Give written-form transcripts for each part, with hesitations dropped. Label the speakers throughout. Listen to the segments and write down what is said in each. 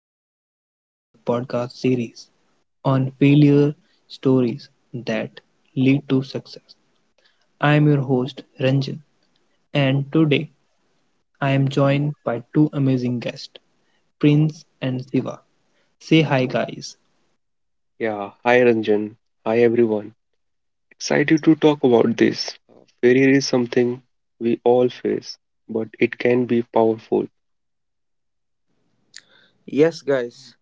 Speaker 1: Welcome to our podcast series on failure stories that lead to success. I am your host Ranjan and today I am joined by two amazing guests, Prince and Siva. Say hi guys.
Speaker 2: Yeah, hi Ranjan. Hi everyone. Excited to talk about this. Failure is something we all face, but it can be powerful.
Speaker 3: Yes, guys.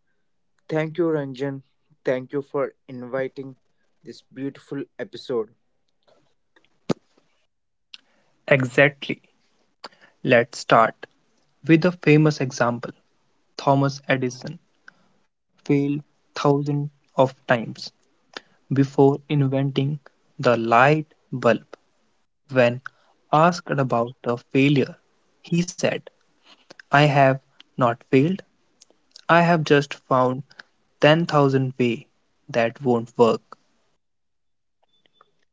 Speaker 3: Thank you, Ranjan. Thank you for inviting this beautiful episode.
Speaker 1: Exactly. Let's start with a famous example. Thomas Edison failed thousands of times before inventing the light bulb. When asked about the failure, he said, I have not failed. I have just found 10,000 ways that won't work.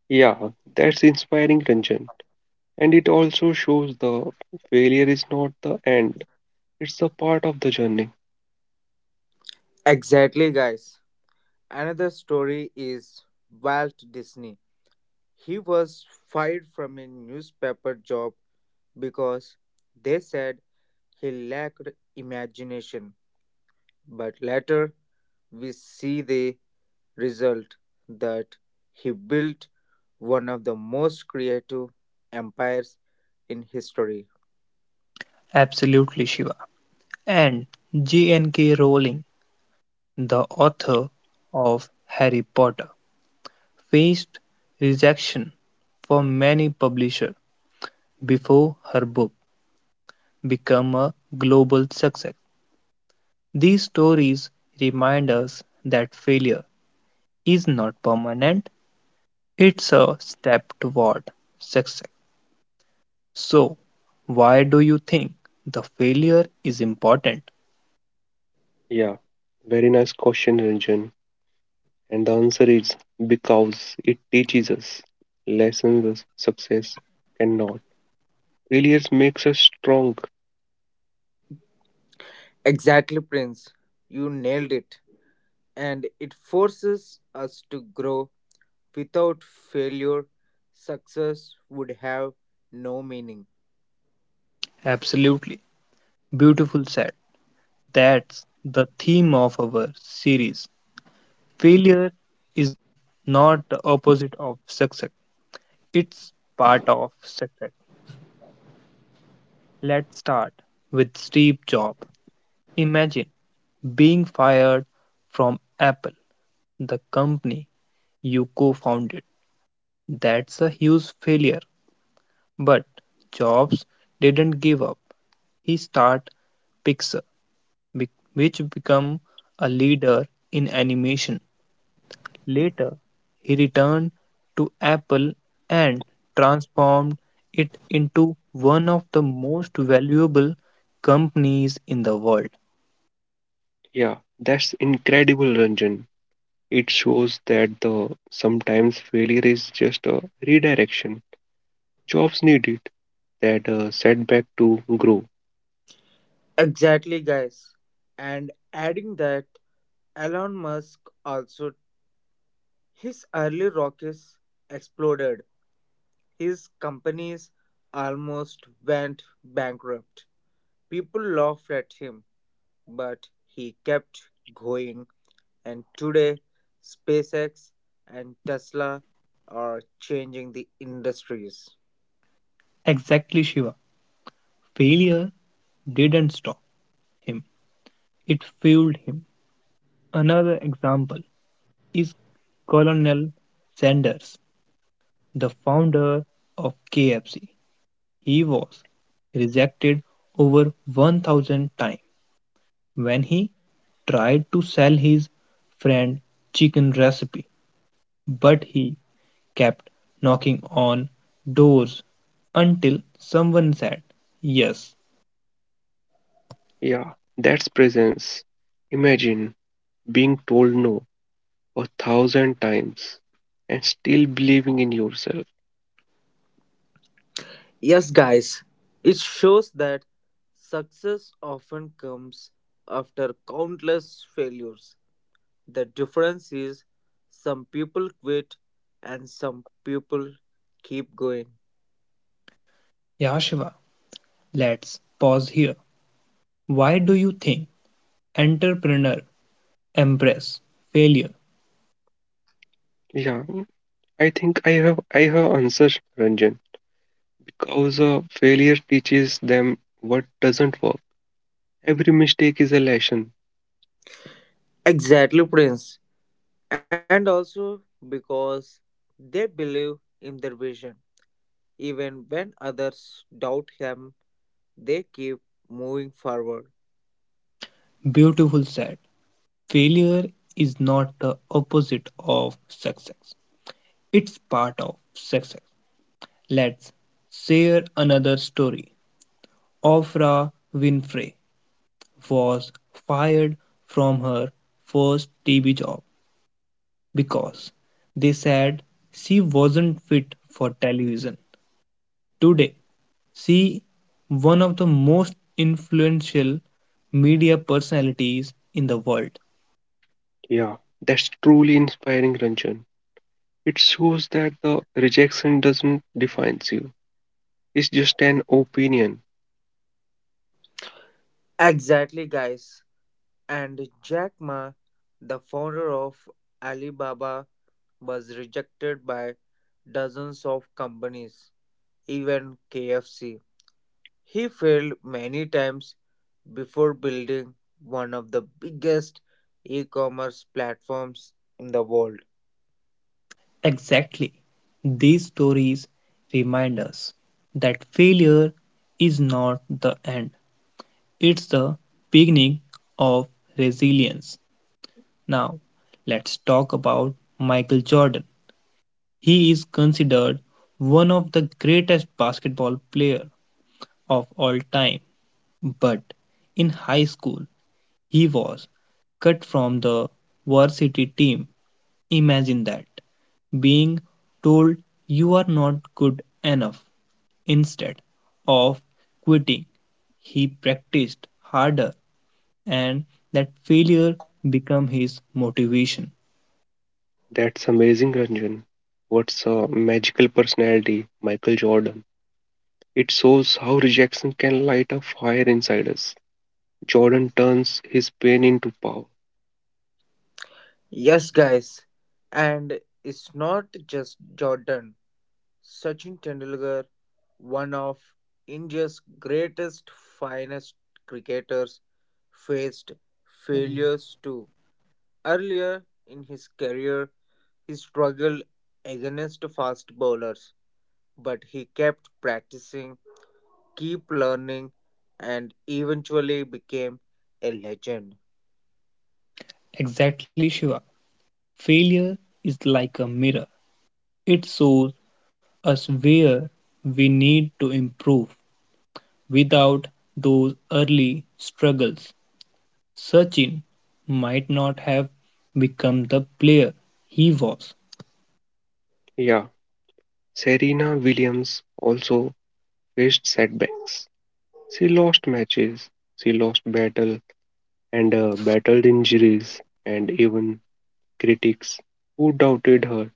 Speaker 2: Yeah, that's inspiring, Ranjan. And it also shows the failure is not the end, it's a part of the journey.
Speaker 3: Exactly, guys. Another story is Walt Disney. He was fired from a newspaper job because they said he lacked imagination. But later, we see the result that he built one of the most creative empires in history.
Speaker 1: Absolutely, Shiva. And G.N.K. Rowling, the author of Harry Potter, faced rejection from many publishers before her book became a global success. These stories remind us that failure is not permanent, it's a step toward success. So, why do you think the failure is important?
Speaker 2: Yeah, very nice question, Ranjan. And the answer is because it teaches us lessons us success cannot. Failures makes us strong.
Speaker 3: Exactly, Prince. You nailed it. And it forces us to grow. Without failure, success would have no meaning.
Speaker 1: Absolutely. Beautiful said. That's the theme of our series. Failure is not the opposite of success, it's part of success. Let's start with Steve Jobs. Imagine being fired from Apple, the company you co founded. That's a huge failure. But Jobs didn't give up. He started Pixar, which became a leader in animation. Later, he returned to Apple and transformed it into one of the most valuable companies in the world.
Speaker 2: Yeah, that's incredible, Ranjan. It shows that the sometimes failure is just a redirection. Jobs need it, that setback to grow.
Speaker 3: Exactly, guys. And adding that, Elon Musk also, his early rockets exploded. His companies almost went bankrupt. People laughed at him, but he kept going. And today, SpaceX and Tesla are changing the industries.
Speaker 1: Exactly, Shiva. Failure didn't stop him, it fueled him. Another example is Colonel Sanders, the founder of KFC. He was rejected over 1000 times when he tried to sell his friend chicken recipe but he kept knocking on doors until someone said yes.
Speaker 2: Yeah, that's presence. Imagine being told no a thousand times and still believing in yourself.
Speaker 3: Yes, guys, it shows that success often comes after countless failures. The difference is some people quit and some people keep going.
Speaker 1: Yeah, Shiva, let's pause here. Why do you think entrepreneur embrace failure?
Speaker 2: Yeah, I think I have answers, Ranjan because failure teaches them what doesn't work. Every mistake is a lesson.
Speaker 3: Exactly, Prince. And also because they believe in their vision, even when others doubt them. They keep moving forward.
Speaker 1: Beautiful said. Failure is not the opposite of success, it's part of success. Let's share another story. Oprah Winfrey was fired from her first TV job because they said she wasn't fit for television. Today, she is one of the most influential media personalities in the world.
Speaker 2: Yeah, that's truly inspiring, Ranjan. It shows that the rejection doesn't define you. It's just an opinion.
Speaker 3: Exactly, guys. And Jack Ma, the founder of Alibaba, was rejected by dozens of companies, even KFC. He failed many times before building one of the biggest e commerce platforms in the world.
Speaker 1: Exactly. These stories remind us that failure is not the end, it's the beginning of resilience. Now, let's talk about Michael Jordan. He is considered one of the greatest basketball players of all time, but in high school he was cut from the varsity team. Imagine that, being told you are not good enough. Instead of quitting, he practiced harder and that failure became his motivation.
Speaker 2: That's amazing, Ranjan. What's a magical personality, Michael Jordan? It shows how rejection can light a fire inside us. Jordan turns his pain into power.
Speaker 3: Yes, guys. And it's not just Jordan. Sachin Tendulkar, one of India's greatest finest cricketers, faced failures too. Earlier in his career, he struggled against fast bowlers, but he kept practicing, keep learning, and eventually became a legend.
Speaker 1: Exactly, Shiva. Failure is like a mirror. It shows us where we need to improve. Without those early struggles, Sachin might not have become the player he was.
Speaker 2: Yeah, Serena Williams also faced setbacks. She lost matches, she lost battle, and battled injuries, and even critics who doubted her.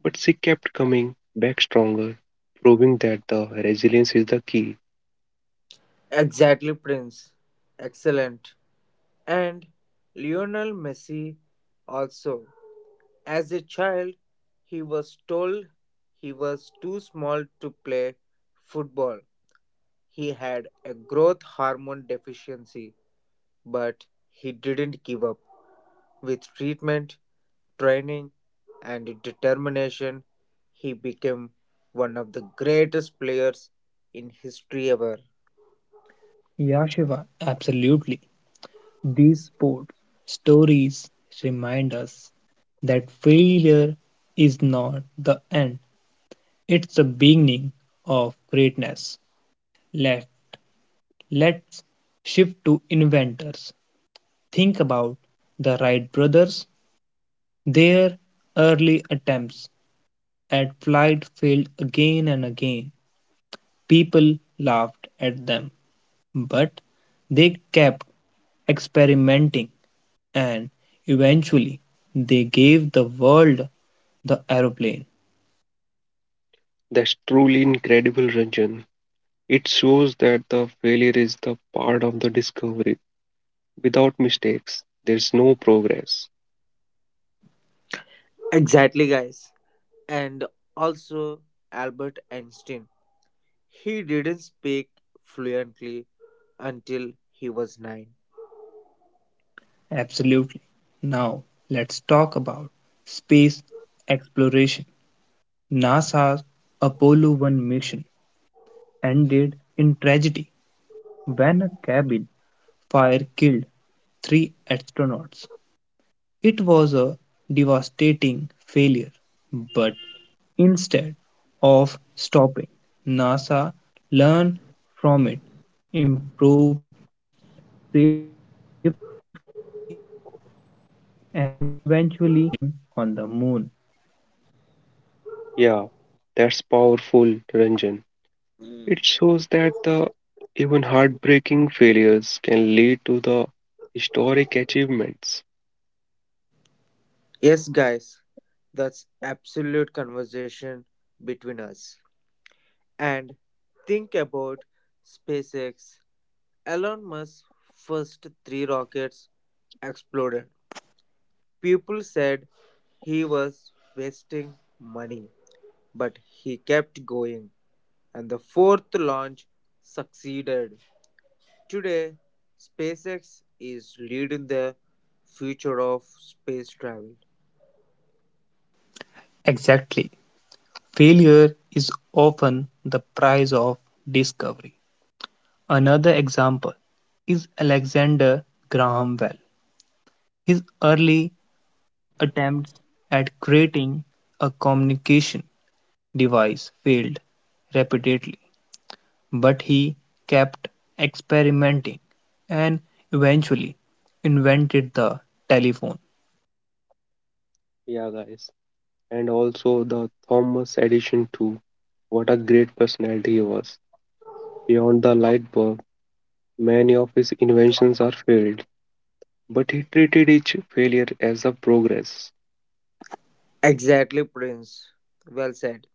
Speaker 2: But she kept coming back stronger, proving that the resilience is the key.
Speaker 3: Exactly, Prince. Excellent. And Lionel Messi also. As a child, he was told he was too small to play football. He had a growth hormone deficiency, but he didn't give up. With treatment, training, and determination, he became one of the greatest players in history ever.
Speaker 1: Yeah, Shiva, absolutely. These sports stories remind us that failure is not the end, it's the beginning of greatness. Let, let's shift to inventors. Think about the Wright brothers. Their early attempts at flight failed again and again. People laughed at them, but they kept experimenting and eventually they gave the world the aeroplane.
Speaker 2: That's truly incredible, Ranjan. It shows that the failure is the part of the discovery. Without mistakes, there's no progress.
Speaker 3: Exactly, guys. And also Albert Einstein. He didn't speak fluently until he was nine.
Speaker 1: Absolutely. Now, let's talk about space exploration. NASA's Apollo 1 mission ended in tragedy when a cabin fire killed three astronauts. It was a devastating failure, but instead of stopping, NASA learned from it, improved safety, and eventually landed humans on the moon.
Speaker 2: Yeah, that's powerful, Ranjan.
Speaker 3: Mm.
Speaker 2: It shows that the even heartbreaking failures can lead to the historic achievements.
Speaker 3: Yes, guys, that's absolute conversation between us. And think about SpaceX. Elon Musk's first three rockets exploded. People said he was wasting money, but he kept going, and the fourth launch succeeded. Today, SpaceX is leading the future of space travel.
Speaker 1: Exactly. Failure is often the price of discovery. Another example is Alexander Graham Bell. His early attempts at creating a communication device failed repeatedly, but he kept experimenting and eventually invented the telephone.
Speaker 2: Yeah, guys. And also the Thomas Edison too. What a great personality he was. Beyond the light bulb, many of his inventions are failed, but he treated each failure as a progress.
Speaker 3: Exactly, Prince. Well said.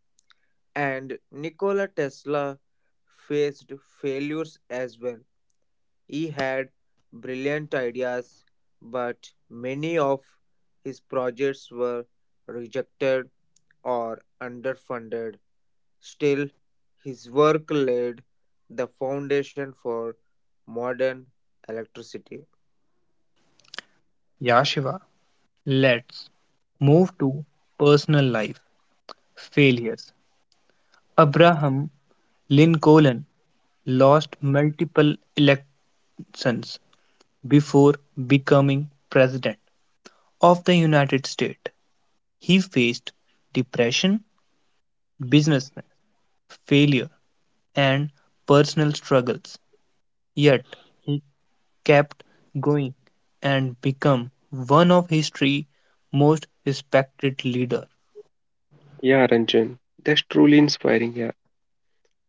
Speaker 3: And Nikola Tesla faced failures as well. He had brilliant ideas, but many of his projects were rejected or underfunded. Still, his work laid the foundation for modern electricity.
Speaker 1: Yeah, Shiva, let's move to personal life failures. Abraham Lincoln lost multiple elections before becoming president of the United States. He faced depression, business failure, and personal struggles. Yet he kept going and became one of history's most respected leaders.
Speaker 2: Yeah, Ranjan, that's truly inspiring. Yeah.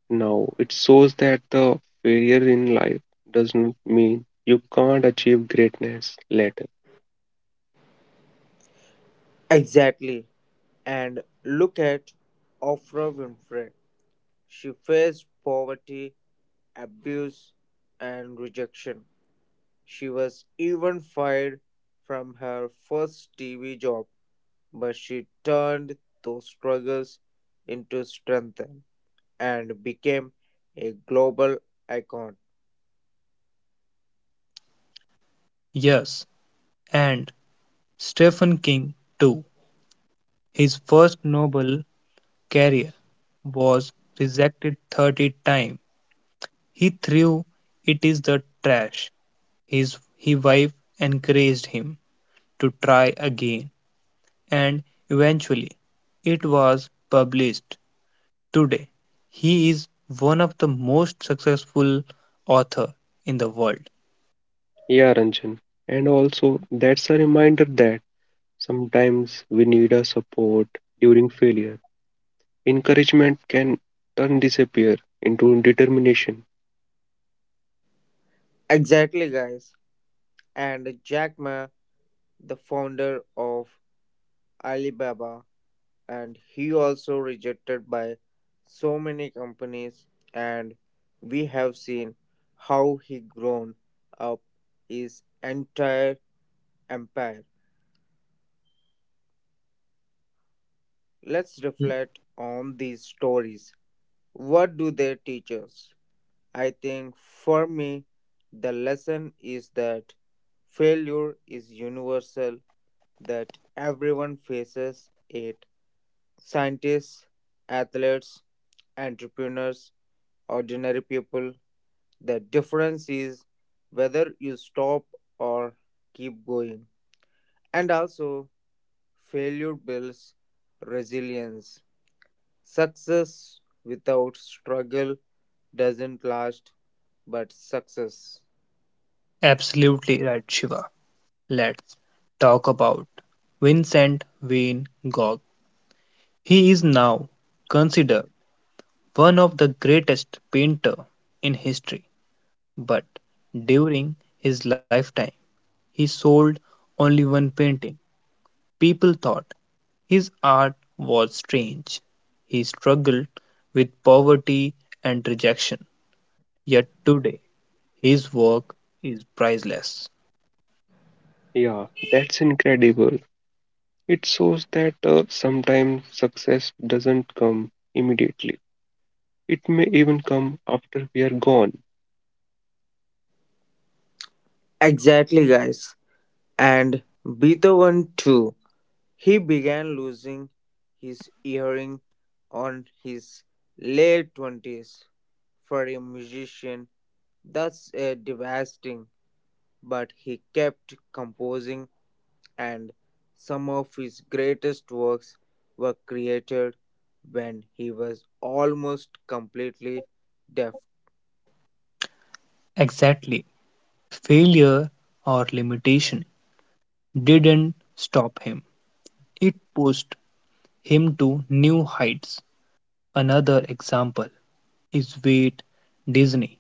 Speaker 2: Now, it shows that the failure in life does not mean you can't achieve greatness later.
Speaker 3: Exactly. And look at Oprah Winfrey. She faced poverty, abuse, and rejection. She was even fired from her first TV job, but she turned those struggles into strength and became a global icon.
Speaker 1: Yes, and Stephen King too. His first novel career was rejected 30 times. He threw it in the trash. His he wife encouraged him to try again, and eventually it was published. Today, he is one of the most successful author in the world.
Speaker 2: Yeah, Ranjan. And also, that's a reminder that sometimes we need a support during failure. Encouragement can turn disappear into determination.
Speaker 3: Exactly, guys. And Jack Ma, the founder of Alibaba, and he also rejected by so many companies, and we have seen how he grown up his entire empire. Let's reflect on these stories. What do they teach us? I think for me the lesson is that failure is universal, that everyone faces it: scientists, athletes, entrepreneurs, ordinary people. The difference is whether you stop or keep going. And also, failure builds resilience. Success without struggle doesn't last, but success.
Speaker 1: Absolutely right, Shiva. Let's talk about Vincent Van Gogh. He is now considered one of the greatest painter in history, but during his lifetime, he sold only one painting. People thought his art was strange. He struggled with poverty and rejection. Yet today, his work is priceless.
Speaker 2: Yeah, that's incredible. It shows that sometimes success doesn't come immediately. It may even come after we are gone.
Speaker 3: Exactly, guys. And Beethoven, too. He began losing his hearing on his late 20s. For a musician, that's a devastating. But he kept composing, and some of his greatest works were created when he was almost completely deaf.
Speaker 1: Exactly. Failure or limitation didn't stop him, it pushed him to new heights. Another example is Walt Disney.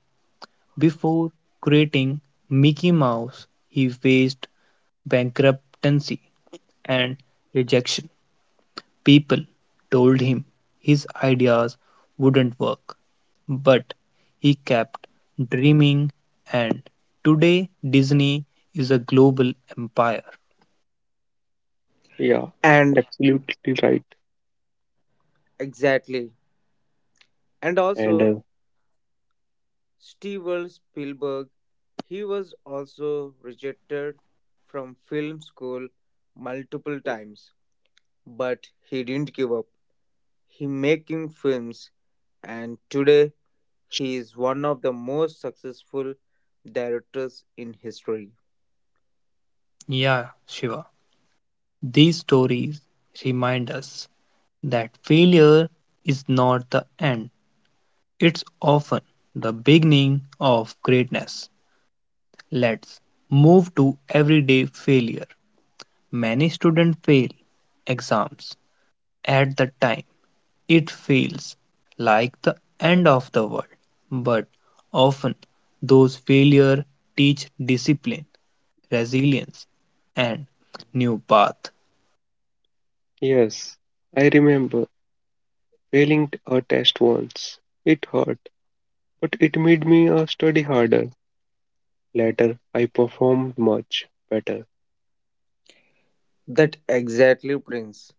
Speaker 1: Before creating Mickey Mouse, he faced bankruptcy and rejection. People told him his ideas wouldn't work, but he kept dreaming, and today Disney is a global empire.
Speaker 2: Yeah,
Speaker 3: And
Speaker 2: absolutely right.
Speaker 3: exactly, and
Speaker 2: And
Speaker 3: also Steven Spielberg, he was also rejected from film school multiple times, but he didn't give up. He making films, and today he is one of the most successful directors in history.
Speaker 1: Yeah, Shiva, these stories remind us that failure is not the end, it's often the beginning of greatness. Let's move to everyday failure. Many students fail exams. At the time it feels like the end of the world, but often those failures teach discipline, resilience, and new path.
Speaker 2: yes, I remember failing a test once. It hurt, but it made me study harder. Later, I performed much better.
Speaker 3: That exactly Prince.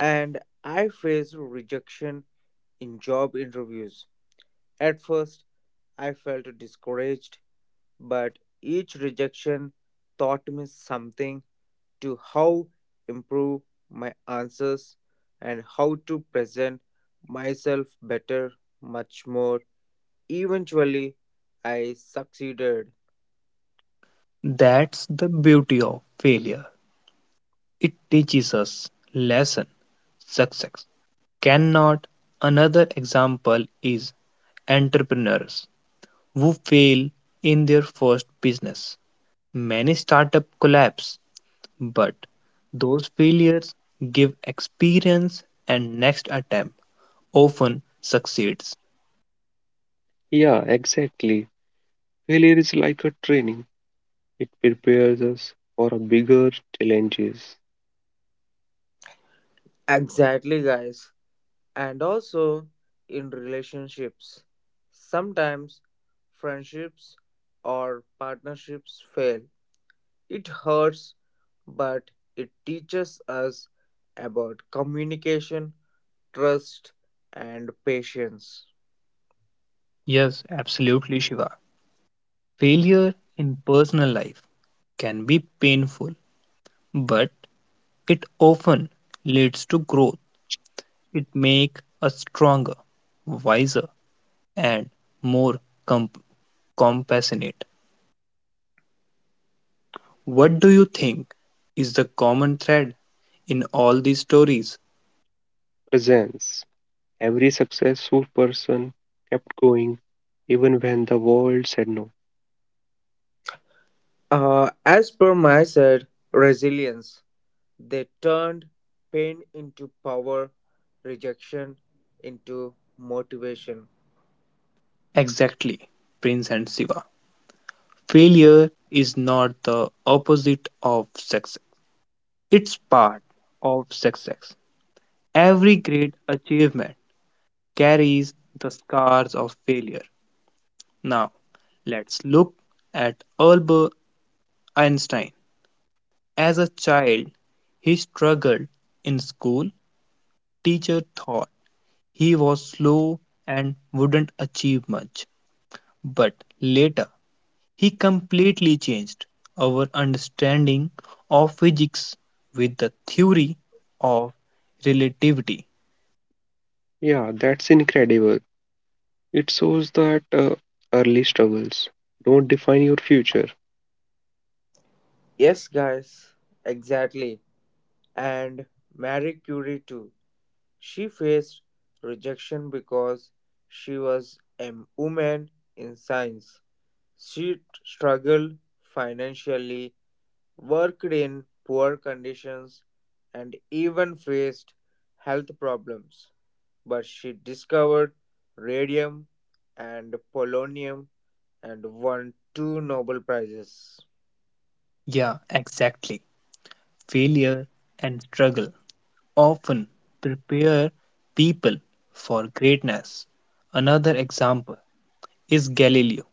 Speaker 3: And I faced rejection in job interviews. At first, I felt discouraged, but each rejection taught me something to how improve my answers and how to present myself better, much more. Eventually, I succeeded.
Speaker 1: That's the beauty of failure. It teaches us lesson, success cannot. Another example is entrepreneurs who fail in their first business. Many startups collapse. But those failures give experience, and next attempt often succeeds.
Speaker 2: Yeah, exactly. Failure is like a training. It prepares us for a bigger challenges.
Speaker 3: Exactly, guys. And also in relationships. Sometimes friendships or partnerships fail. It hurts, but it teaches us about communication, trust, and patience.
Speaker 1: Yes, absolutely, Shiva. Failure in personal life can be painful, but it often leads to growth. It makes us stronger, wiser, and more comp- compassionate. What do you think is the common thread in all these stories?
Speaker 2: Presence. Every successful person kept going even when the world said no.
Speaker 3: As per my side, resilience. They turned pain into power, rejection into motivation.
Speaker 1: Exactly, Prince and Shiva. Failure is not the opposite of success, it's part of success. Every great achievement carries the scars of failure. Now, let's look at Albert Einstein. As a child, he struggled in school. Teacher thought he was slow and wouldn't achieve much. But later, he completely changed our understanding of physics with the theory of relativity.
Speaker 2: Yeah, that's incredible. It shows that early struggles don't define your future.
Speaker 3: Yes, guys, exactly. And Marie Curie too. She faced rejection because she was a woman in science. She struggled financially, worked in poor conditions, and even faced health problems. But she discovered radium and polonium and won two Nobel Prizes.
Speaker 1: Yeah, exactly. Failure and struggle often prepare people for greatness. Another example is Galileo.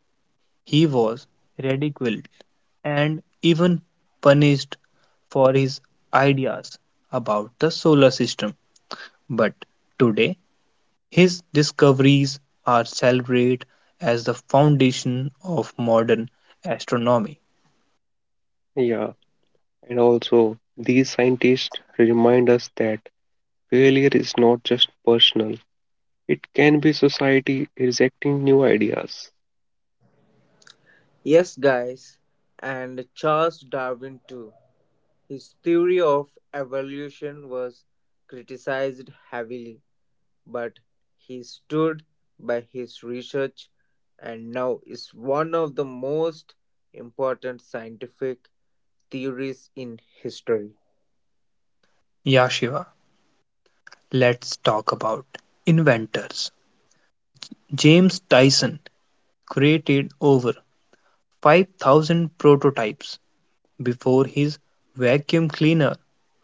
Speaker 1: He was ridiculed and even punished for his ideas about the solar system. But today, his discoveries are celebrated as the foundation of modern astronomy.
Speaker 2: Yeah, and also these scientists remind us that failure is not just personal, it can be society rejecting new ideas.
Speaker 3: Yes, guys, and Charles Darwin too. His theory of evolution was criticized heavily, but he stood by his research and now is one of the most important scientific theories in history.
Speaker 1: Yashiva, let's talk about inventors. James Dyson created over 5000 prototypes before his vacuum cleaner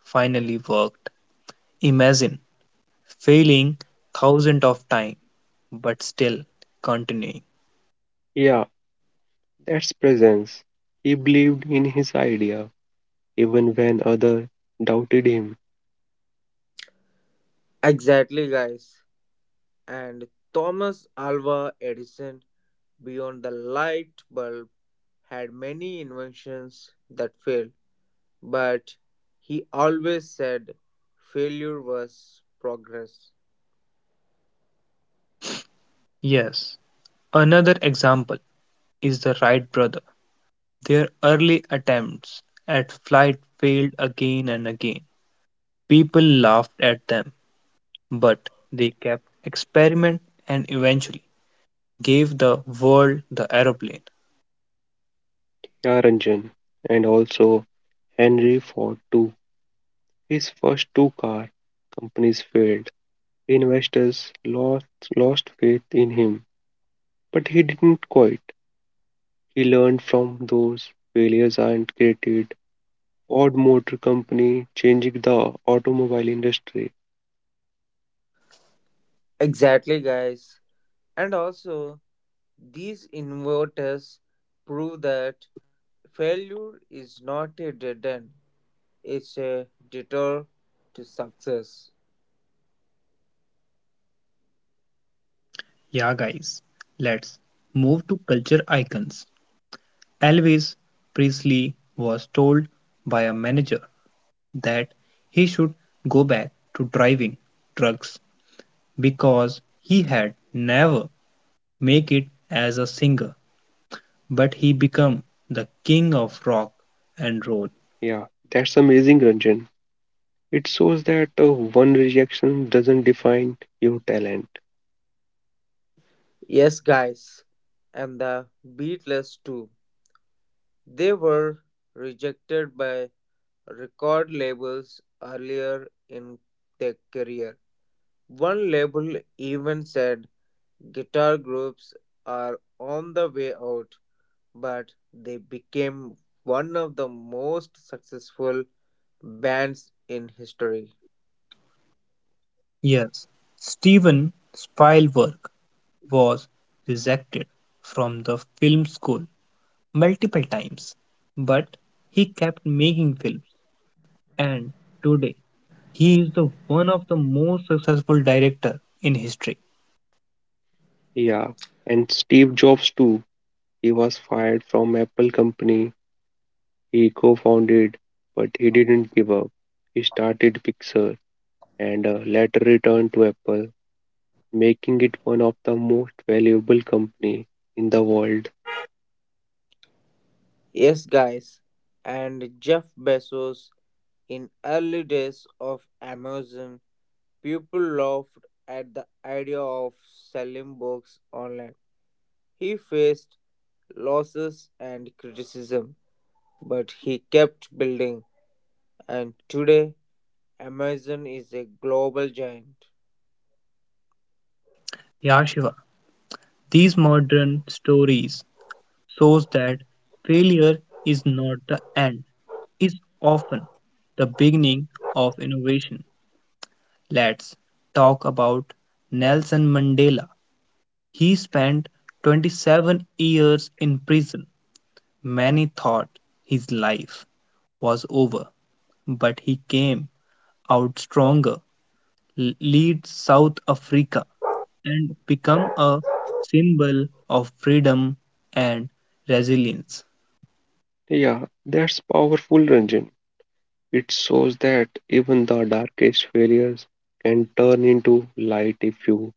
Speaker 1: finally worked. Imagine failing thousands of times but still continuing.
Speaker 2: Yeah, that's presence. He believed in his idea even when others doubted him.
Speaker 3: Exactly, guys. And Thomas Alva Edison, beyond the light bulb, had many inventions that failed, but he always said failure was progress.
Speaker 1: Yes, another example is the Wright brother. Their early attempts at flight failed again and again; people laughed at them, but they kept experimenting and eventually gave the world the aeroplane.
Speaker 2: Yeah, Ranjan. And also, Henry Ford, too; his first two car companies failed. Investors lost, lost faith in him, but he didn't quit. He learned from those failures and created Ford Motor Company, changing the automobile industry.
Speaker 3: Exactly, guys. And also, these inverters prove that failure is not a dead end, it's a detour to success.
Speaker 1: Yeah guys, let's move to culture icons. Elvis Presley was told by a manager that he should go back to driving trucks because he had never make it as a singer. But he became the king of rock and roll.
Speaker 2: Yeah, that's amazing, Ranjan. It shows that one rejection doesn't define your talent.
Speaker 3: Yes, guys. And the Beatles, too. They were rejected by record labels earlier in their career. One label even said guitar groups are on the way out. But they became one of the most successful bands in history.
Speaker 1: Yes, Steven Spielberg was rejected from the film school multiple times, but he kept making films and today he is the one of the most successful director in history.
Speaker 2: Yeah, and Steve Jobs too. He was fired from Apple company He co-founded, but he didn't give up. He started Pixar and later returned to Apple, making it one of the most valuable company in the world.
Speaker 3: Yes, guys, and Jeff Bezos, in early days of Amazon, people laughed at the idea of selling books online. He faced losses and criticism, but he kept building, and today Amazon is a global giant.
Speaker 1: Yashiva, these modern stories shows that failure is not the end, is often the beginning of innovation. Let's talk about Nelson Mandela. He spent 27 years in prison. Many thought his life was over, but he came out stronger, lead South Africa, and become a symbol of freedom and resilience.
Speaker 2: Yeah, that's powerful, Ranjan. It shows that even the darkest failures can turn into light if you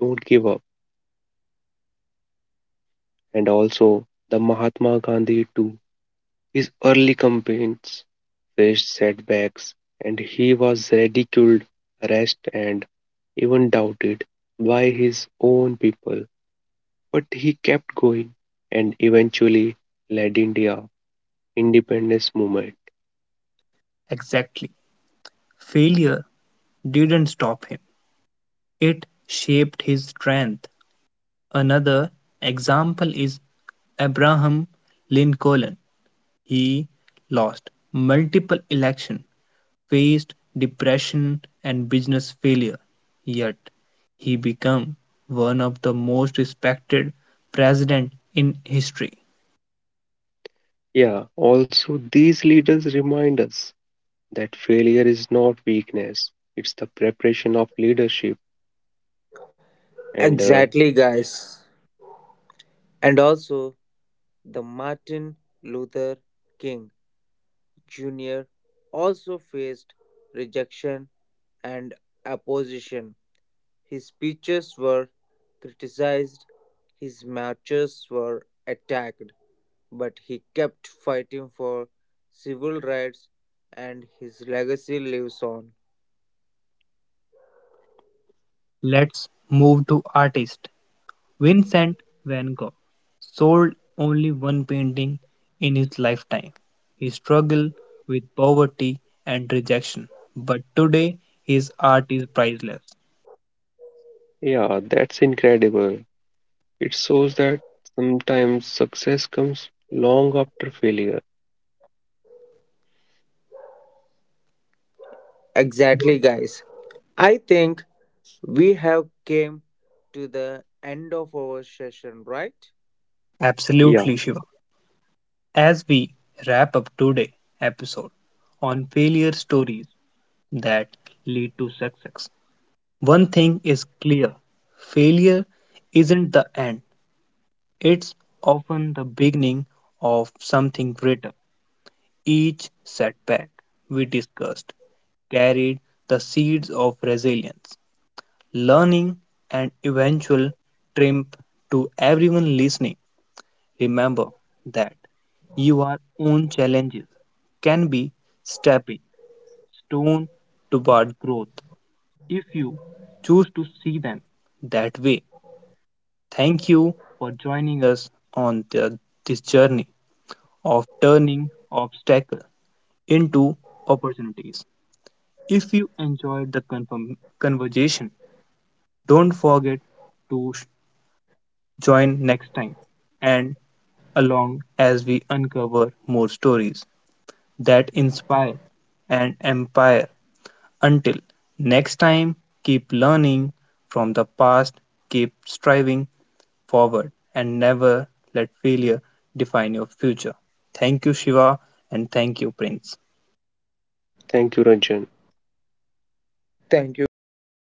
Speaker 2: don't give up. And also, the Mahatma Gandhi too. His early campaigns faced setbacks, and he was ridiculed, harassed, and even doubted by his own people, but he kept going and eventually led India independence movement.
Speaker 1: Exactly. Failure didn't stop him, it shaped his strength. Another example is Abraham Lincoln. He lost multiple elections, faced depression and business failure, yet he became one of the most respected presidents in history.
Speaker 2: Yeah, also these leaders remind us that failure is not weakness, it's the preparation of leadership and
Speaker 3: Exactly, guys. And also, the Martin Luther King Jr. also faced rejection and opposition. His speeches were criticized, his marches were attacked, but he kept fighting for civil rights and his legacy lives on.
Speaker 1: Let's move to artist. Vincent van Gogh sold only one painting in his lifetime. He struggled with poverty and rejection, but today his art is priceless.
Speaker 2: yeah, that's incredible. It shows that sometimes success comes long after failure.
Speaker 3: Exactly, guys. I think we have came to the end of our session, right?
Speaker 2: Yeah,
Speaker 1: Absolutely, Shiva. As we wrap up today's episode on failure stories that lead to success, one thing is clear: failure isn't the end, it's often the beginning of something greater. Each setback we discussed carried the seeds of resilience, learning, and eventual triumph to everyone listening. Remember that your own challenges can be stepping stone toward growth if you choose to see them that way. Thank you for joining us on this journey of turning obstacles into opportunities. If you enjoyed the conversation, don't forget to join next time and along as we uncover more stories that inspire and empire. Until next time, keep learning from the past, keep striving forward, and never let failure define your future. Thank you, Shiva, and thank you, Prince.
Speaker 2: thank you, Ranjan.
Speaker 3: Thank you, guys.